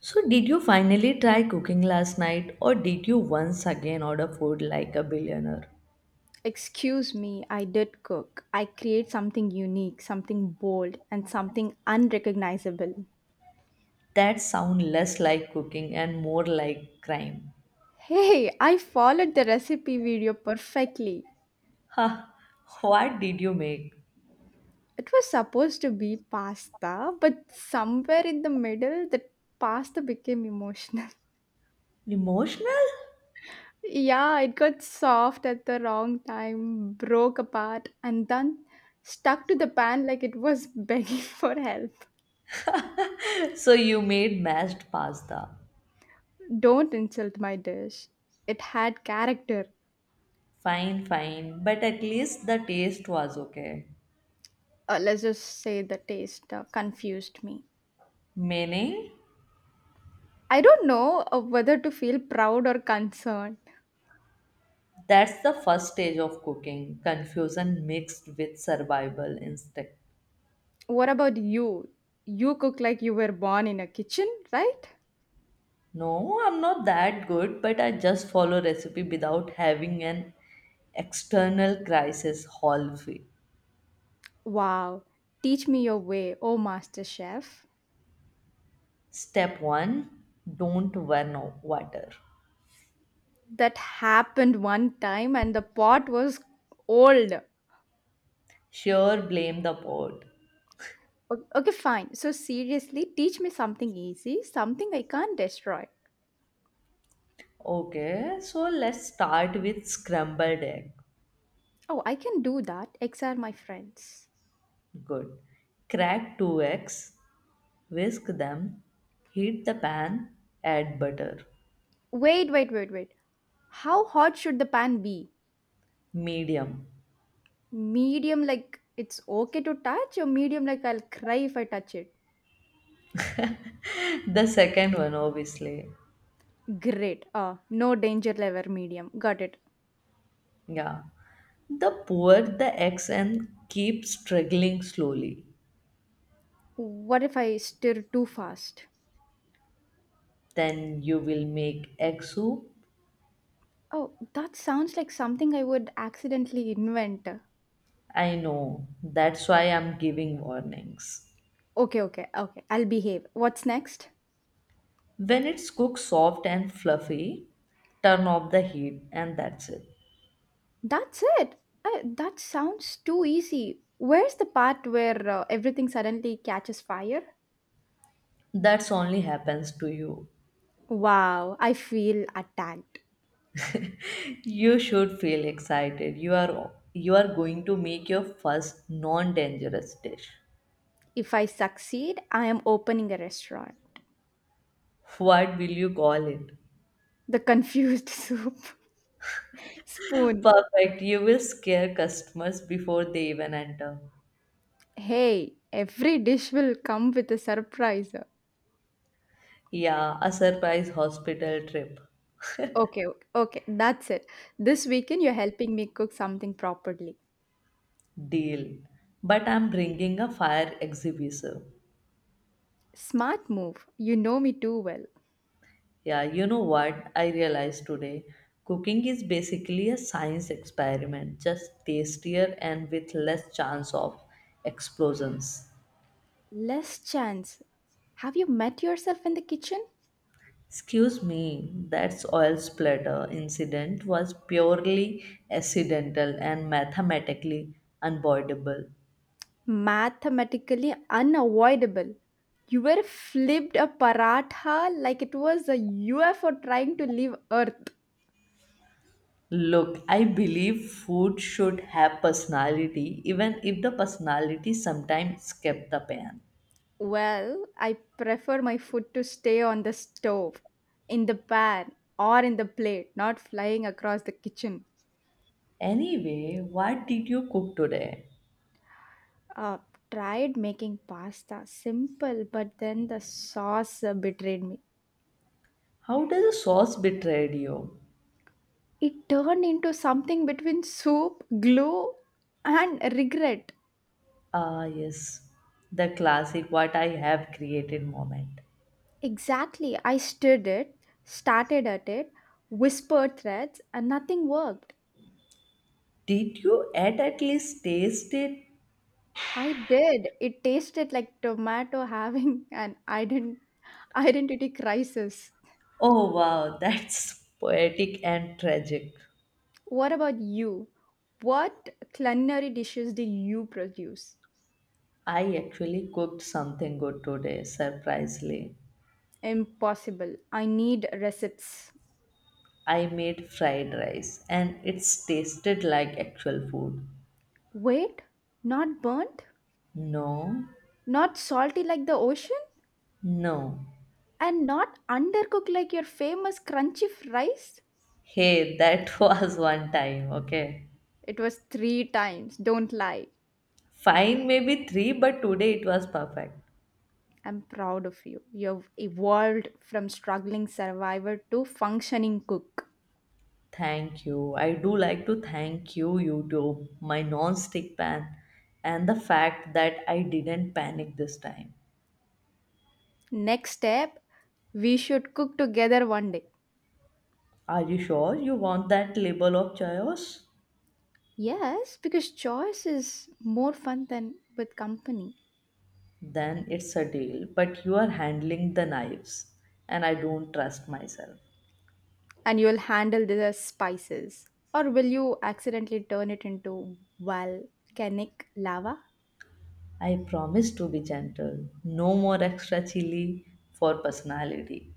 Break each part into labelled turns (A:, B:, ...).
A: So, did you finally try cooking last night, or did you once again order food like a billionaire?
B: Excuse me, I did cook. I create something unique, something bold, and something unrecognizable.
A: That sounds less like cooking and more like crime.
B: Hey, I followed the recipe video perfectly.
A: Ha! What did you make?
B: It was supposed to be pasta, but somewhere in the middle, the pasta became emotional.
A: Emotional?
B: Yeah, it got soft at the wrong time, broke apart, and then stuck to the pan like it was begging for help.
A: So, you made mashed pasta.
B: Don't insult my dish. It had character.
A: Fine, fine, but at least the taste was okay.
B: Let's just say the taste confused me.
A: Meaning?
B: I don't know whether to feel proud or concerned.
A: That's the first stage of cooking confusion mixed with survival instinct.
B: What about you? You cook like you were born in a kitchen, right?
A: No, I'm not that good, but I just follow recipe without having an external crisis hallway.
B: Wow. Teach me your way, oh master chef.
A: Step 1, don't burn water.
B: That happened one time and the pot was old.
A: Sure, blame the pot.
B: Okay, fine. So, seriously, teach me something easy, something I can't destroy.
A: Okay, so let's start with scrambled egg.
B: Oh, I can do that. X are my friends.
A: Good. Crack 2 eggs, whisk them, heat the pan, add butter.
B: Wait, wait, wait, wait. How hot should the pan be?
A: Medium.
B: Medium, like it's okay to touch, or medium, like I'll cry if I touch it.
A: The second one, obviously.
B: Great. Ah, no danger level, medium. Got it.
A: Yeah. The poor the eggs and keep struggling slowly.
B: What if I stir too fast?
A: Then you will make egg soup.
B: Oh, that sounds like something I would accidentally invent.
A: I know. That's why I'm giving warnings.
B: Okay, okay, okay. I'll behave. What's next?
A: When it's cooked soft and fluffy, turn off the heat and that's it.
B: That's it. That sounds too easy. Where's the part where everything suddenly catches fire?
A: That's only happens to you.
B: Wow, I feel attacked.
A: You should feel excited. You are going to make your first non-dangerous dish.
B: If I succeed, I am opening a restaurant.
A: What will you call it?
B: The confused soup. Spoon.
A: Perfect. You will scare customers before they even enter.
B: Hey, every dish will come with a surprise.
A: Yeah, a surprise hospital trip.
B: Okay, okay, okay, that's it. This weekend you're helping me cook something properly.
A: Deal. But I'm bringing a fire exhibitor.
B: Smart move. You know me too well.
A: Yeah, you know what I realized today? Cooking is basically a science experiment, just tastier and with less chance of explosions.
B: Less chance. Have you met yourself in the kitchen?
A: Excuse me, that oil splatter incident was purely accidental and mathematically unavoidable.
B: Mathematically unavoidable. You were flipped a paratha like it was a UFO trying to leave Earth.
A: Look, I believe food should have personality, even if the personality sometimes escape the pan.
B: Well, I prefer my food to stay on the stove, in the pan, or in the plate, not flying across the kitchen.
A: Anyway, what did you cook today?
B: Uh, Tried making pasta, simple, but then the sauce betrayed me.
A: How does the sauce betrayed you?
B: It turned into something between soup, glue, and regret.
A: Ah, yes, the classic what I have created moment.
B: Exactly, I stirred it, started at it, whispered threats, and nothing worked.
A: Did you at least taste it?
B: I did. It tasted like tomato having an identity crisis.
A: Oh wow, that's poetic and tragic.
B: What about you? What culinary dishes did you produce?
A: I actually cooked something good today, surprisingly.
B: Impossible. I need recipes.
A: I made fried rice and it's tasted like actual food.
B: Wait, not burnt?
A: No,
B: Not salty like the ocean?
A: no.
B: And not undercooked like your famous crunchy rice?
A: Hey, that was one time, okay?
B: It was three times. Don't lie.
A: Fine, maybe three, but today it was perfect.
B: I'm proud of you. You've evolved from struggling survivor to functioning cook.
A: Thank you. I do like to thank you, YouTube, my non stick pan, and the fact that I didn't panic this time.
B: Next step, we should cook together one day.
A: Are you sure you want that label of chaos?
B: Yes, because choice is more fun than with company.
A: Then it's a deal, but you are handling the knives, and I don't trust myself.
B: And you'll handle the spices. Or will you accidentally turn it into volcanic lava?
A: I promise to be gentle. No more extra chili for personality.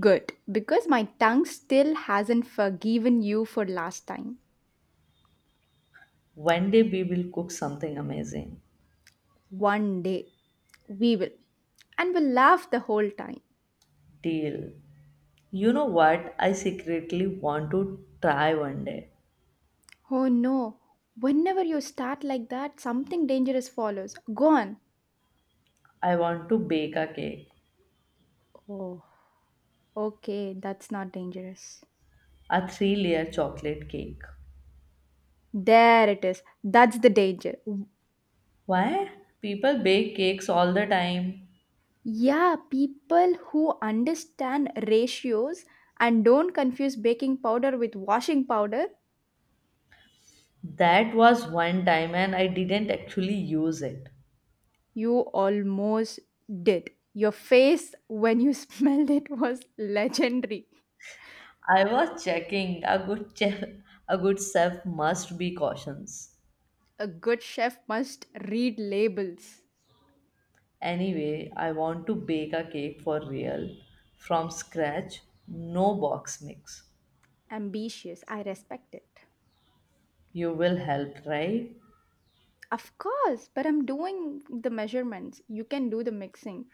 B: Good, because my tongue still hasn't forgiven you for last time.
A: One day we will cook something amazing.
B: One day, we will. And we'll laugh the whole time.
A: Deal. You know what? I secretly want to try one day.
B: Oh no, whenever you start like that, something dangerous follows. Go on.
A: I want to bake a cake,
B: Okay, that's not dangerous.
A: a three layer chocolate cake.
B: There it is. That's the danger.
A: Why? People bake cakes all the time.
B: Yeah, people who understand ratios and don't confuse baking powder with washing powder,
A: That was one time and I didn't actually use it.
B: you almost did. Your face when you smelled it was legendary.
A: I was checking. A good chef must be cautious.
B: A good chef must read labels.
A: Anyway, I want to bake a cake for real from scratch, no box mix.
B: Ambitious, I respect it.
A: You will help, right?
B: Of course, but I'm doing the measurements. You can do the mixing,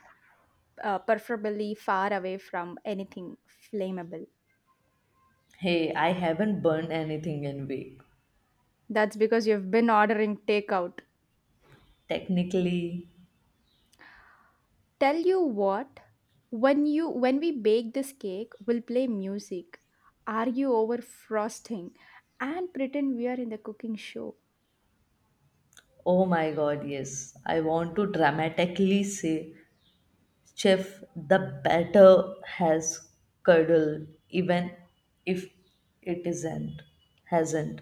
B: preferably far away from anything flammable.
A: Hey, I haven't burned anything in week.
B: That's because you've been ordering takeout.
A: Technically,
B: Tell you what, when we bake this cake, we'll play music, argue over frosting, and pretend we are in the cooking show.
A: oh my god, yes. I want to dramatically say, Chef, the batter has curdled, even if it isn't, hasn't.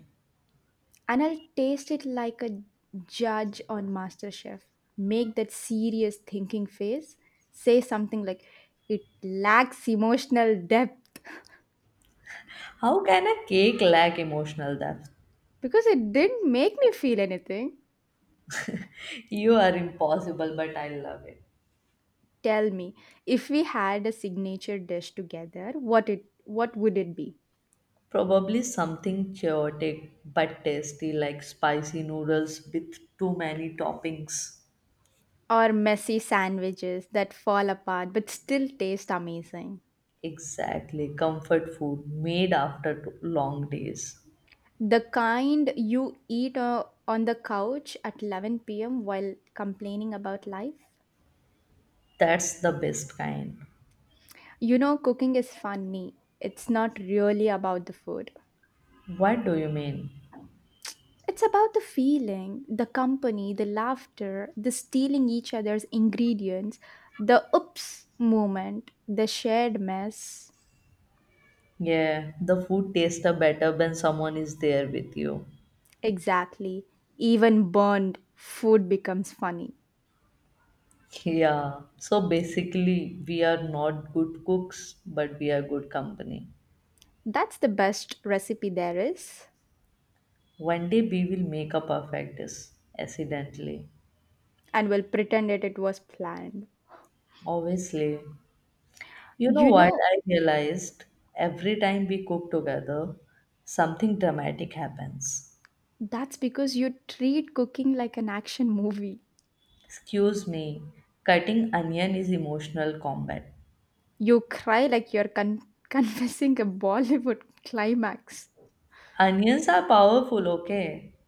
B: And I'll taste it like a judge on MasterChef. Make that serious thinking face. Say something like, "It lacks emotional depth,"
A: How can a cake lack emotional depth?
B: because it didn't make me feel anything.
A: You are impossible, but I love it.
B: Tell me, if we had a signature dish together, what would it be?
A: Probably something chaotic but tasty, like spicy noodles with too many toppings.
B: Or messy sandwiches that fall apart but still taste amazing.
A: Exactly, comfort food made after long days.
B: The kind you eat on the couch at 11 p.m. while complaining about life.
A: That's the best kind.
B: You know, cooking is funny. It's not really about the food.
A: What do you mean?
B: It's about the feeling, the company, the laughter, the stealing each other's ingredients, the oops moment, the shared mess.
A: Yeah, the food tastes better when someone is there with you.
B: Exactly. Even burned food becomes funny.
A: Yeah, so basically, we are not good cooks, but we are good company.
B: That's the best recipe there is,
A: One day we will make a perfect dish, accidentally.
B: and we'll pretend it was planned.
A: Obviously. You know
B: You
A: what
B: know,
A: I realized? Every time we cook together, something dramatic happens.
B: that's because you treat cooking like an action movie.
A: Excuse me, cutting onion is emotional combat.
B: You cry like you're confessing a Bollywood climax.
A: Onions are powerful, okay?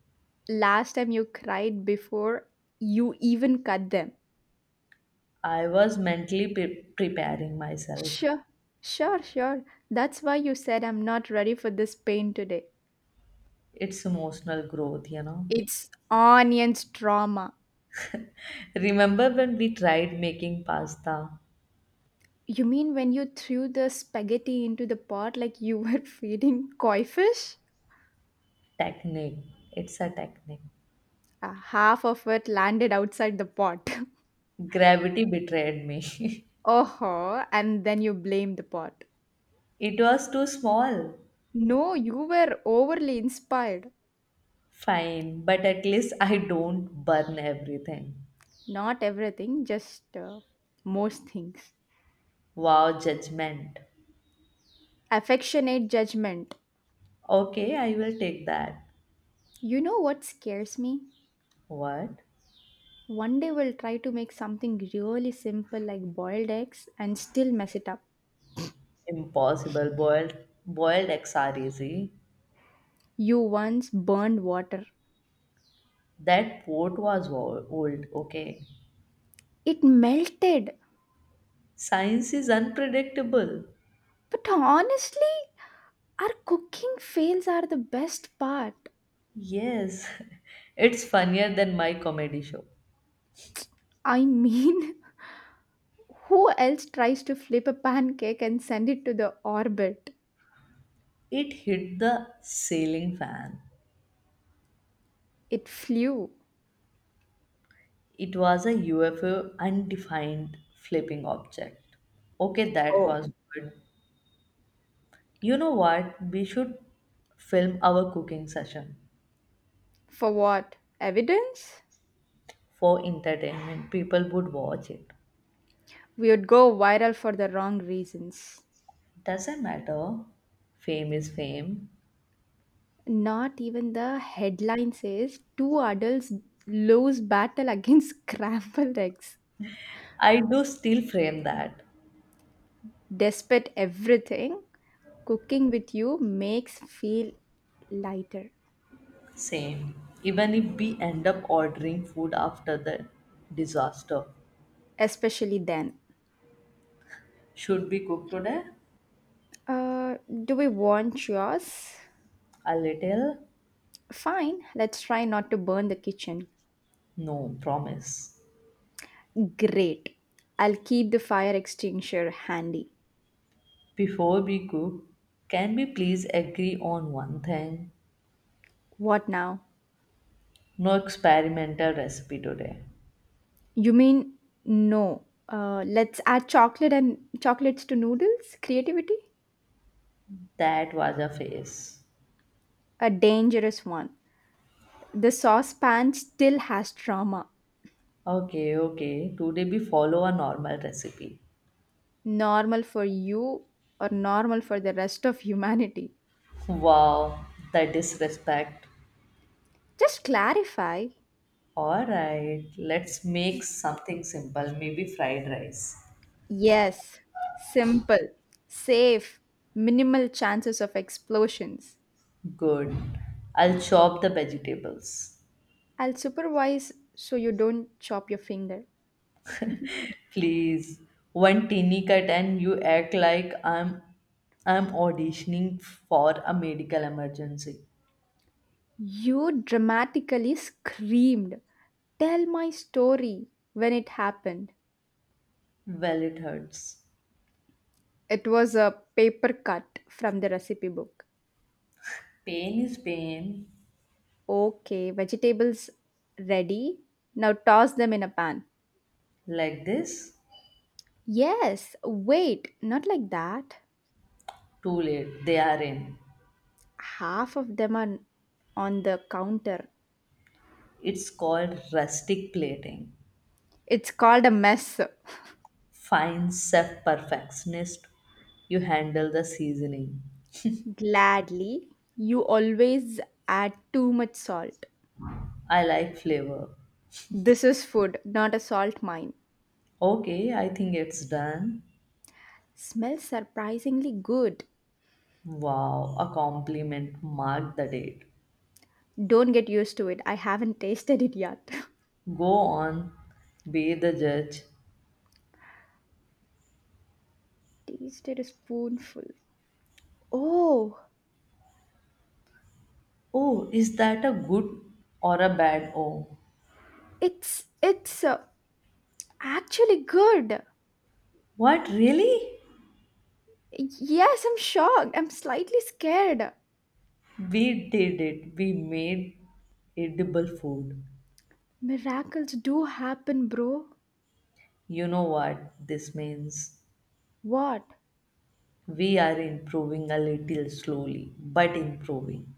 B: Last time you cried before you even cut them.
A: I was mentally preparing myself.
B: Sure, sure, sure. That's why you said I'm not ready for this pain today.
A: It's emotional growth, you know.
B: It's onions trauma.
A: Remember when we tried making pasta?
B: You mean when you threw the spaghetti into the pot like you were feeding koi fish?
A: Technique. It's a technique.
B: Half of it landed outside the pot.
A: Gravity betrayed me.
B: Oh, and then you blame the pot.
A: It was too small.
B: No, you were overly inspired.
A: Fine, but at least I don't burn everything.
B: Not everything, just most things.
A: Wow, judgment.
B: Affectionate judgment.
A: Okay, I will take that.
B: You know what scares me?
A: What?
B: One day we'll try to make something really simple like boiled eggs and still mess it up.
A: Impossible. Boiled eggs are easy.
B: You once burned water.
A: That port was old. Okay.
B: It melted.
A: Science is unpredictable.
B: But honestly, our cooking fails are the best part.
A: Yes, it's funnier than my comedy show.
B: I mean, who else tries to flip a pancake and send it to the orbit?
A: It hit the ceiling fan.
B: It flew.
A: It was a UFO undefined flipping object. Okay, that
B: Oh,
A: was good. You know what? We should film our cooking session
B: for what? Evidence?
A: for entertainment. People would watch it.
B: We would go viral for the wrong reasons.
A: Doesn't matter. Fame is fame.
B: Not even the headline says two adults lose battle against scrambled eggs.
A: I do still frame that.
B: Despite everything, cooking with you makes feel lighter.
A: Same. Even if we end up ordering food after the disaster.
B: Especially then.
A: Should we cook today?
B: Uh, do we want yours?
A: A little?
B: Fine, let's try not to burn the kitchen.
A: No, promise.
B: Great. I'll keep the fire extinguisher handy.
A: Before we cook, can we please agree on one thing?
B: What now?
A: No experimental recipe today.
B: You mean no? Let's add chocolate and chocolates to noodles? Creativity?
A: That was a phase.
B: A dangerous one. The saucepan still has trauma.
A: Okay, okay. Today we follow a normal recipe.
B: Normal for you or normal for the rest of humanity?
A: Wow, the disrespect.
B: Just clarify.
A: Alright, let's make something simple. Maybe fried rice.
B: Yes, simple, safe, minimal chances of explosions.
A: Good. I'll chop the vegetables.
B: I'll supervise so you don't chop your finger.
A: Please. One teeny cut and you act like I'm auditioning for a medical emergency.
B: You dramatically screamed, "Tell my story," when it happened.
A: Well it hurts.
B: It was a paper cut from the recipe book.
A: Pain is pain.
B: Okay, vegetables ready. Now toss them in a pan.
A: Like this?
B: Yes, wait, not like that.
A: Too late. They are in.
B: Half of them are on the counter.
A: It's called rustic plating.
B: It's called a mess.
A: Fine chef perfectionist, you handle the seasoning.
B: Gladly. You always add too much salt.
A: I like flavor.
B: This is food, not a salt mine.
A: Okay, I think it's done.
B: Smells surprisingly good.
A: Wow, a compliment. Mark the date.
B: Don't get used to it. I haven't tasted it yet.
A: Go on, be the judge.
B: Tasted a spoonful. Oh,
A: Oh, is that a good or a bad? Oh,
B: it's actually good.
A: what really?
B: Yes, I'm shocked. I'm slightly scared.
A: We did it. We made edible food.
B: Miracles do happen, bro.
A: You know what this means?
B: What?
A: We are improving a little slowly, but improving.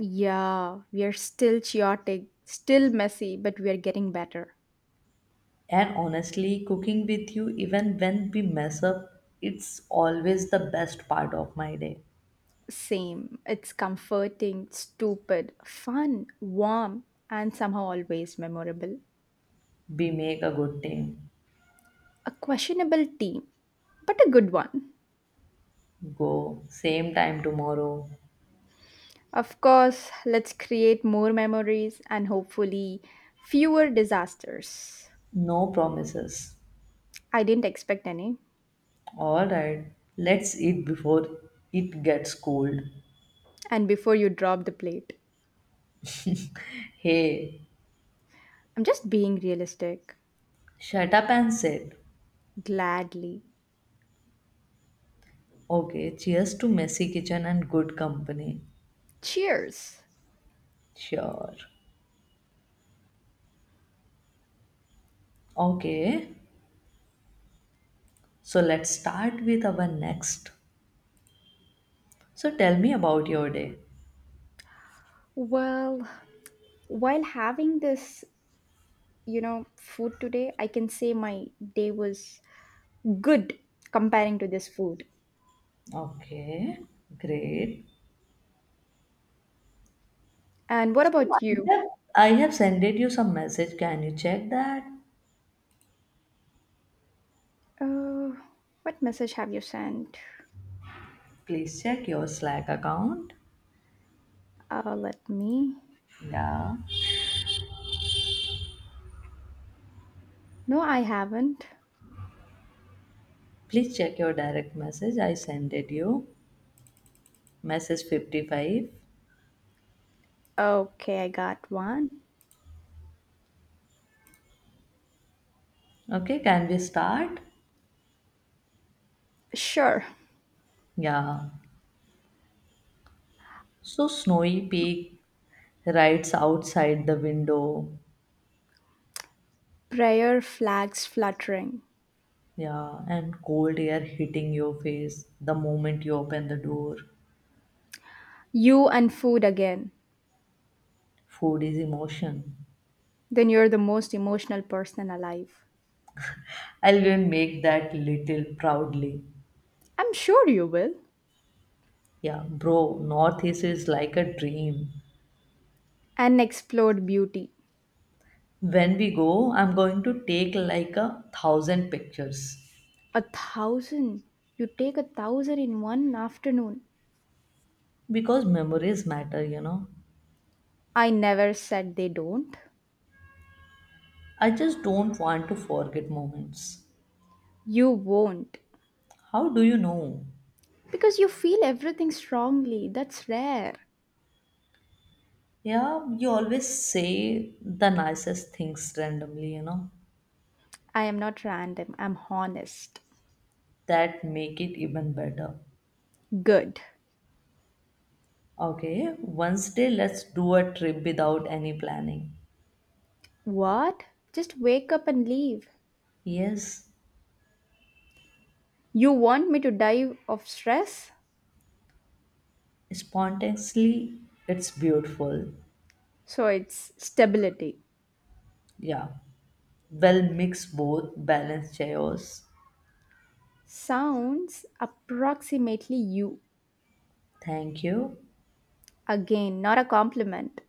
B: Yeah, we are still chaotic, still messy, but we are getting better.
A: And honestly, cooking with you, even when we mess up, it's always the best part of my day.
B: Same. It's comforting, stupid, fun, warm, and somehow always memorable.
A: We make a good team.
B: A questionable team, but a good one.
A: Go, same time tomorrow.
B: Of course, let's create more memories and hopefully fewer disasters.
A: No promises.
B: I didn't expect any.
A: Alright, let's eat before it gets cold.
B: And before you drop the plate,
A: Hey,
B: I'm just being realistic.
A: shut up and sit.
B: Gladly.
A: Okay, cheers to messy kitchen and good company.
B: Cheers.
A: Sure. Okay, so let's start with our next. So tell me about your day.
B: Well, while having this food today, I can say my day was good comparing to this food.
A: Okay, great.
B: And what
A: So
B: about you?
A: have, I have sent you some message. Can you check that?
B: uh, what message have you sent?
A: Please check your Slack account.
B: Let me...
A: Yeah.
B: No, I haven't.
A: Please check your direct message. I sent it you. Message 55.
B: Okay, I got one.
A: Okay, can we start?
B: Sure.
A: Yeah. So snowy peak rides outside the window.
B: Prayer flags fluttering.
A: Yeah, and cold air hitting your face the moment you open the door.
B: You and food again.
A: Food is emotion.
B: Then you're the most emotional person alive.
A: I'll even make that little proudly.
B: I'm sure you will.
A: Yeah, bro, Northeast is like a dream.
B: An explored beauty.
A: When we go, I'm going to take like a thousand pictures
B: A thousand? You take a thousand in one afternoon.
A: because memories matter, you know.
B: I never said they don't.
A: I just don't want to forget moments.
B: You won't.
A: How do you know?
B: Because you feel everything strongly. That's rare.
A: Yeah, you always say the nicest things randomly, you know,
B: I am not random. I'm honest.
A: that make it even better.
B: Good.
A: Okay, Wednesday, let's do a trip without any planning.
B: What? Just wake up and leave.
A: Yes,
B: You want me to die of stress?
A: spontaneously, it's beautiful.
B: So it's stability.
A: Yeah, well, mix both, balance chaos.
B: Sounds approximately you.
A: Thank you.
B: Again, not a compliment.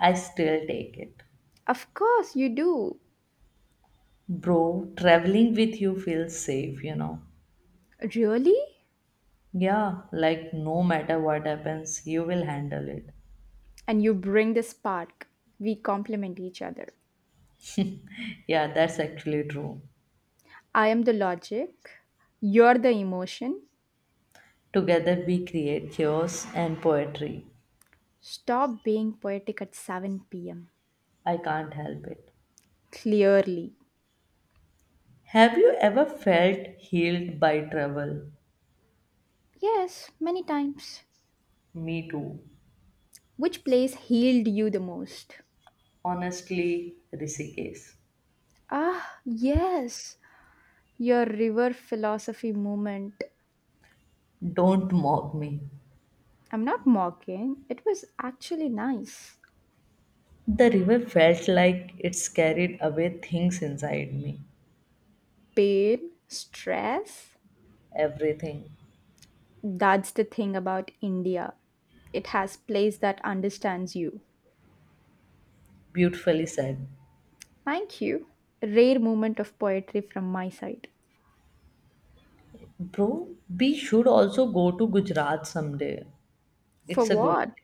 A: I still take it.
B: Of course you do.
A: Bro, traveling with you feels safe, you know.
B: Really?
A: Yeah, like no matter what happens, you will handle it.
B: And you bring the spark. We complement each other.
A: Yeah, that's actually true.
B: I am the logic, you're the emotion.
A: Together we create chaos and poetry.
B: Stop being poetic at 7 pm.
A: I can't help it.
B: Clearly.
A: Have you ever felt healed by travel?
B: Yes, many times.
A: Me too.
B: Which place healed you the most?
A: Honestly, Rishikesh.
B: Ah, yes, your river philosophy moment.
A: Don't mock me.
B: I'm not mocking, it was actually nice.
A: The river felt like it's carried away things inside me.
B: Pain, stress.
A: Everything.
B: That's the thing about India. It has place that understands you.
A: Beautifully said.
B: Thank you. Rare moment of poetry from my side.
A: Bro, we should also go to Gujarat someday.
B: For
A: It's a good.
B: what?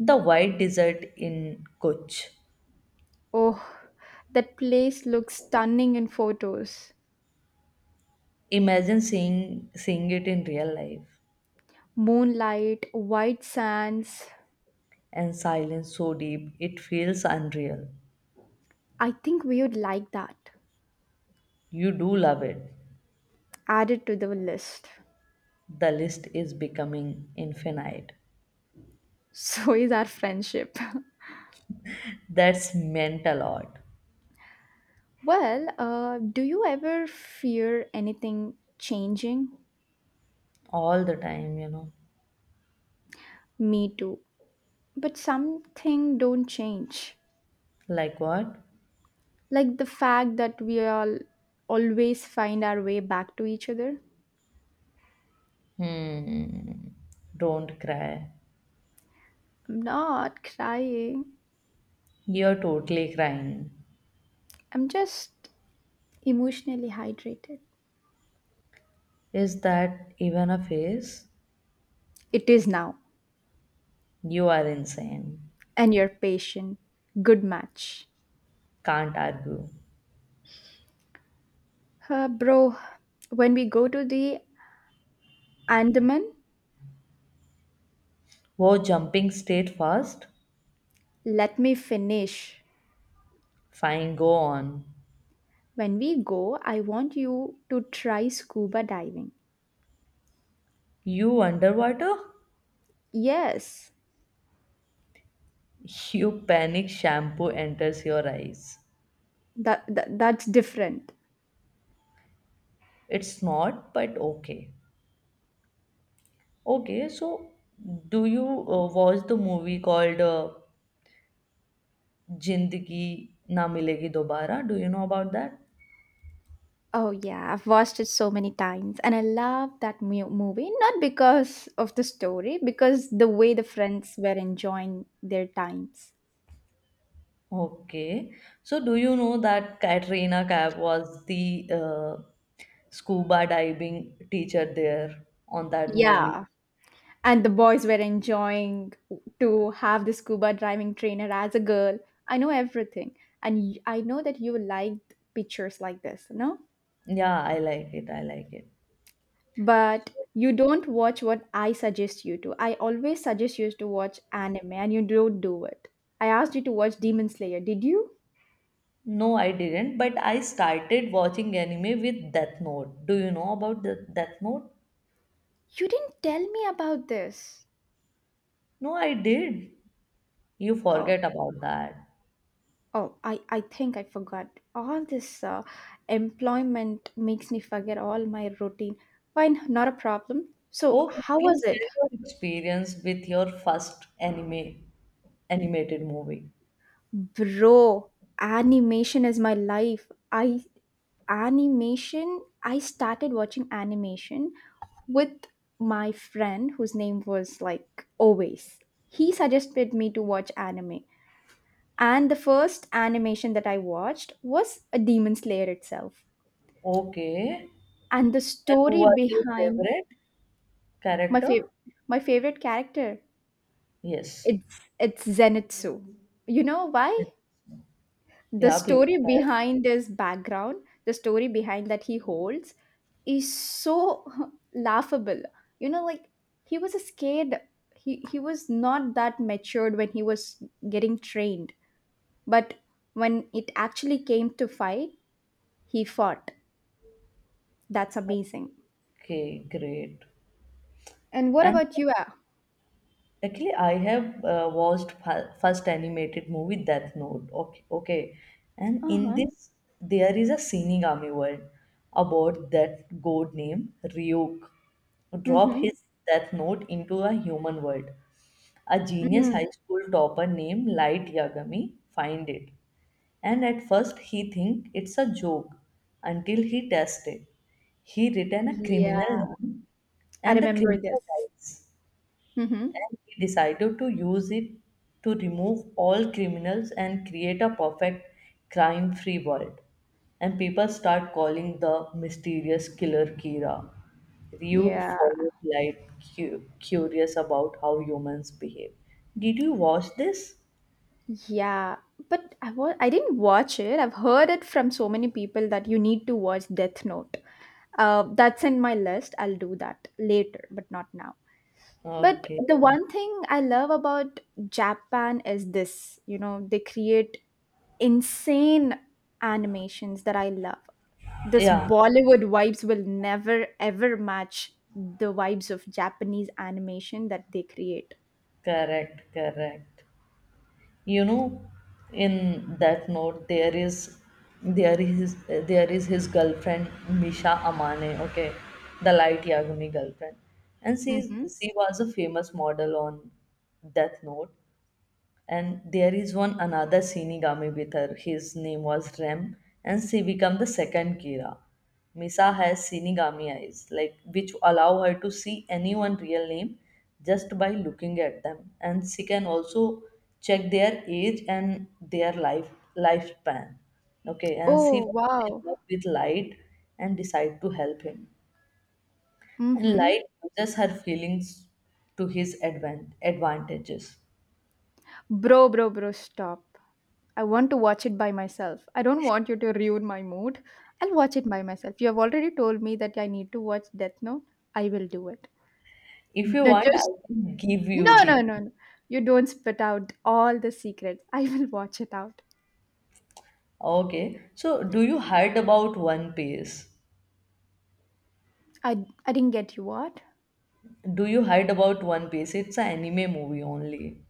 A: The white desert in Kutch.
B: Oh, that place looks stunning in photos.
A: Imagine seeing it in real life.
B: Moonlight, white sands.
A: And silence so deep it feels unreal.
B: I think we would like that.
A: You do love it.
B: Added to the list.
A: The list is becoming infinite.
B: So is our friendship.
A: That's meant a lot.
B: Well, do you ever fear anything changing?
A: All the time, you know.
B: Me too. But something don't change.
A: Like what?
B: Like the fact that we all always find our way back to each other.
A: Hmm. Don't cry.
B: I'm not crying.
A: You're totally crying.
B: I'm just emotionally hydrated.
A: Is that even a face?
B: It is now.
A: You are insane.
B: And you're patient. Good match.
A: Can't argue.
B: Bro, when we go to the Andaman,
A: Whoa, jumping state fast?
B: let me finish.
A: Fine, go on.
B: When we go, I want you to try scuba diving.
A: You underwater?
B: Yes,
A: You panic shampoo enters your eyes.
B: that's different.
A: It's not, but okay. Okay, so do you watch the movie called Jindagi Na Milegi Dobara? Do you know about that?
B: Oh yeah, I've watched it so many times, and I love that movie. Not because of the story, because the way the friends were enjoying their times.
A: Okay. So, do you know that Katrina Kaif was the scuba diving teacher there on that movie?
B: Yeah. And the boys were enjoying to have the scuba diving trainer as a girl. I know everything, and I know that you like pictures like this, no?
A: Yeah, I like it. I like it.
B: But you don't watch what I suggest you to. I always suggest you to watch anime, and you don't do it. I asked you to watch Demon Slayer. Did you?
A: No, I didn't, but I started watching anime with Death Note. Do you know about the Death Note?
B: You didn't tell me about this.
A: No, I did. You
B: Oh.
A: forget about that.
B: Oh, I think I forgot. All this employment makes me forget all my routine. Fine, not a problem. So,
A: Okay,
B: how was
A: please
B: it?
A: share your experience with your first anime, animated movie.
B: Bro, animation is my life. I started watching animation with my friend whose name was like always. He suggested me to watch anime. And the first animation that I watched was a Demon Slayer itself.
A: Okay.
B: And the
A: And who
B: story
A: was your
B: behind.
A: favorite
B: My fav-
A: character?
B: my favorite character.
A: Yes.
B: It's Zenitsu. You know why? The
A: Yeah, please.
B: story behind his background, the story behind that he holds, is so laughable. You know, like he was a scared. He was not that matured when he was getting trained, but when it actually came to fight, he fought. That's amazing.
A: Okay, great.
B: And what
A: And
B: about you? Uh
A: actually, I have watched first animated movie Death Note. Okay, okay. And in
B: huh.
A: this, there is a Shinigami world about that god named Ryuk drop
B: Mm-hmm.
A: his death note into a human world. A genius
B: Mm.
A: high school topper named Light Yagami find it and at first he think it's a joke until he tests it. He written a
B: Yeah,
A: criminal name
B: I
A: and the
B: remember
A: criminal
B: this.
A: dies
B: Mm-hmm.
A: and he decided to use it to remove all criminals and create a perfect crime-free world. And people start calling the mysterious killer Kira. Ryuk
B: Yeah,
A: followed like curious about how humans behave. Did you watch this?
B: yeah. But I didn't watch it. I've heard it from so many people that you need to watch Death Note. That's in my list. I'll do that later, but not now. But
A: Okay.
B: the one thing I love about Japan is this, they create insane animations that I love. This
A: Yeah.
B: Bollywood vibes will never ever match the vibes of Japanese animation that they create.
A: Correct, correct. You know, in that note, there is his girlfriend Misha Amane, okay, the light Yagumi girlfriend, and she
B: Mm-hmm.
A: she was a famous model on Death Note, and there is one another Shinigami with her. His name was Rem, and she became the second Kira. Misa has Shinigami eyes, like which allow her to see anyone real name just by looking at them, and she can also check their age and their lifespan. Okay, and she
B: Oh,
A: falls in
B: wow.
A: love with Light and decide to help him. And
B: Mm-hmm.
A: Light uses her feelings to his advantages.
B: Bro, bro, bro, stop. I want to watch it by myself. I don't want you to ruin my mood. I'll watch it by myself. You have already told me that I need to watch Death Note. I will do it.
A: If you
B: No,
A: want, I
B: just
A: can give you
B: no,
A: the.
B: no, no, no. You don't spit out all the secrets. I will watch it out.
A: Okay. So, do you heard about One Piece?
B: I I didn't get you what?
A: Do you heard about One Piece? It's an anime movie only.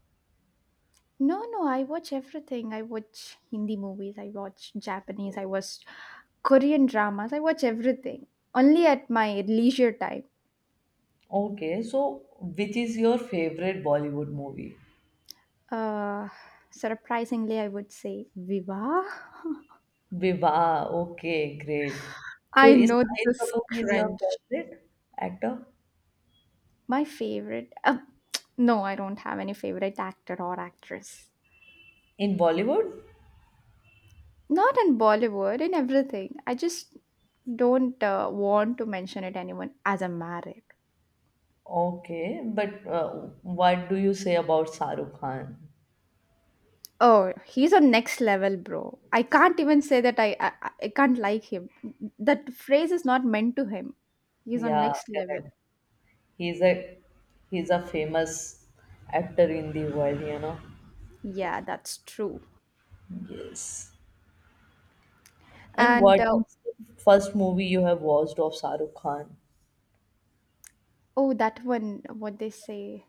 B: No, no. I watch everything. I watch Hindi movies. I watch Japanese. I watch Korean dramas. I watch everything. Only at my leisure time.
A: Okay. So, which is your favorite Bollywood movie?
B: Uh, Surprisingly, I would say Viva.
A: Viva. Okay, great. So,
B: I
A: is
B: know this
A: Shahid
B: is
A: Kapoor is your
B: cringe.
A: favorite actor
B: My favorite. No, I don't have any favorite actor or actress.
A: in Bollywood?
B: Not in Bollywood, in everything. I just don't want to mention it anyone as a married.
A: Okay, but what do you say about Shahrukh Khan?
B: Oh, he's on next level, bro. I can't even say that I can't like him. That phrase is not meant to him. He's on
A: Yeah,
B: next level.
A: correct. He's a he's a famous actor in the world, you know.
B: Yeah, that's true.
A: Yes, and
B: And
A: what is the first movie you have watched of Shahrukh Khan
B: Oh, that one, what they say.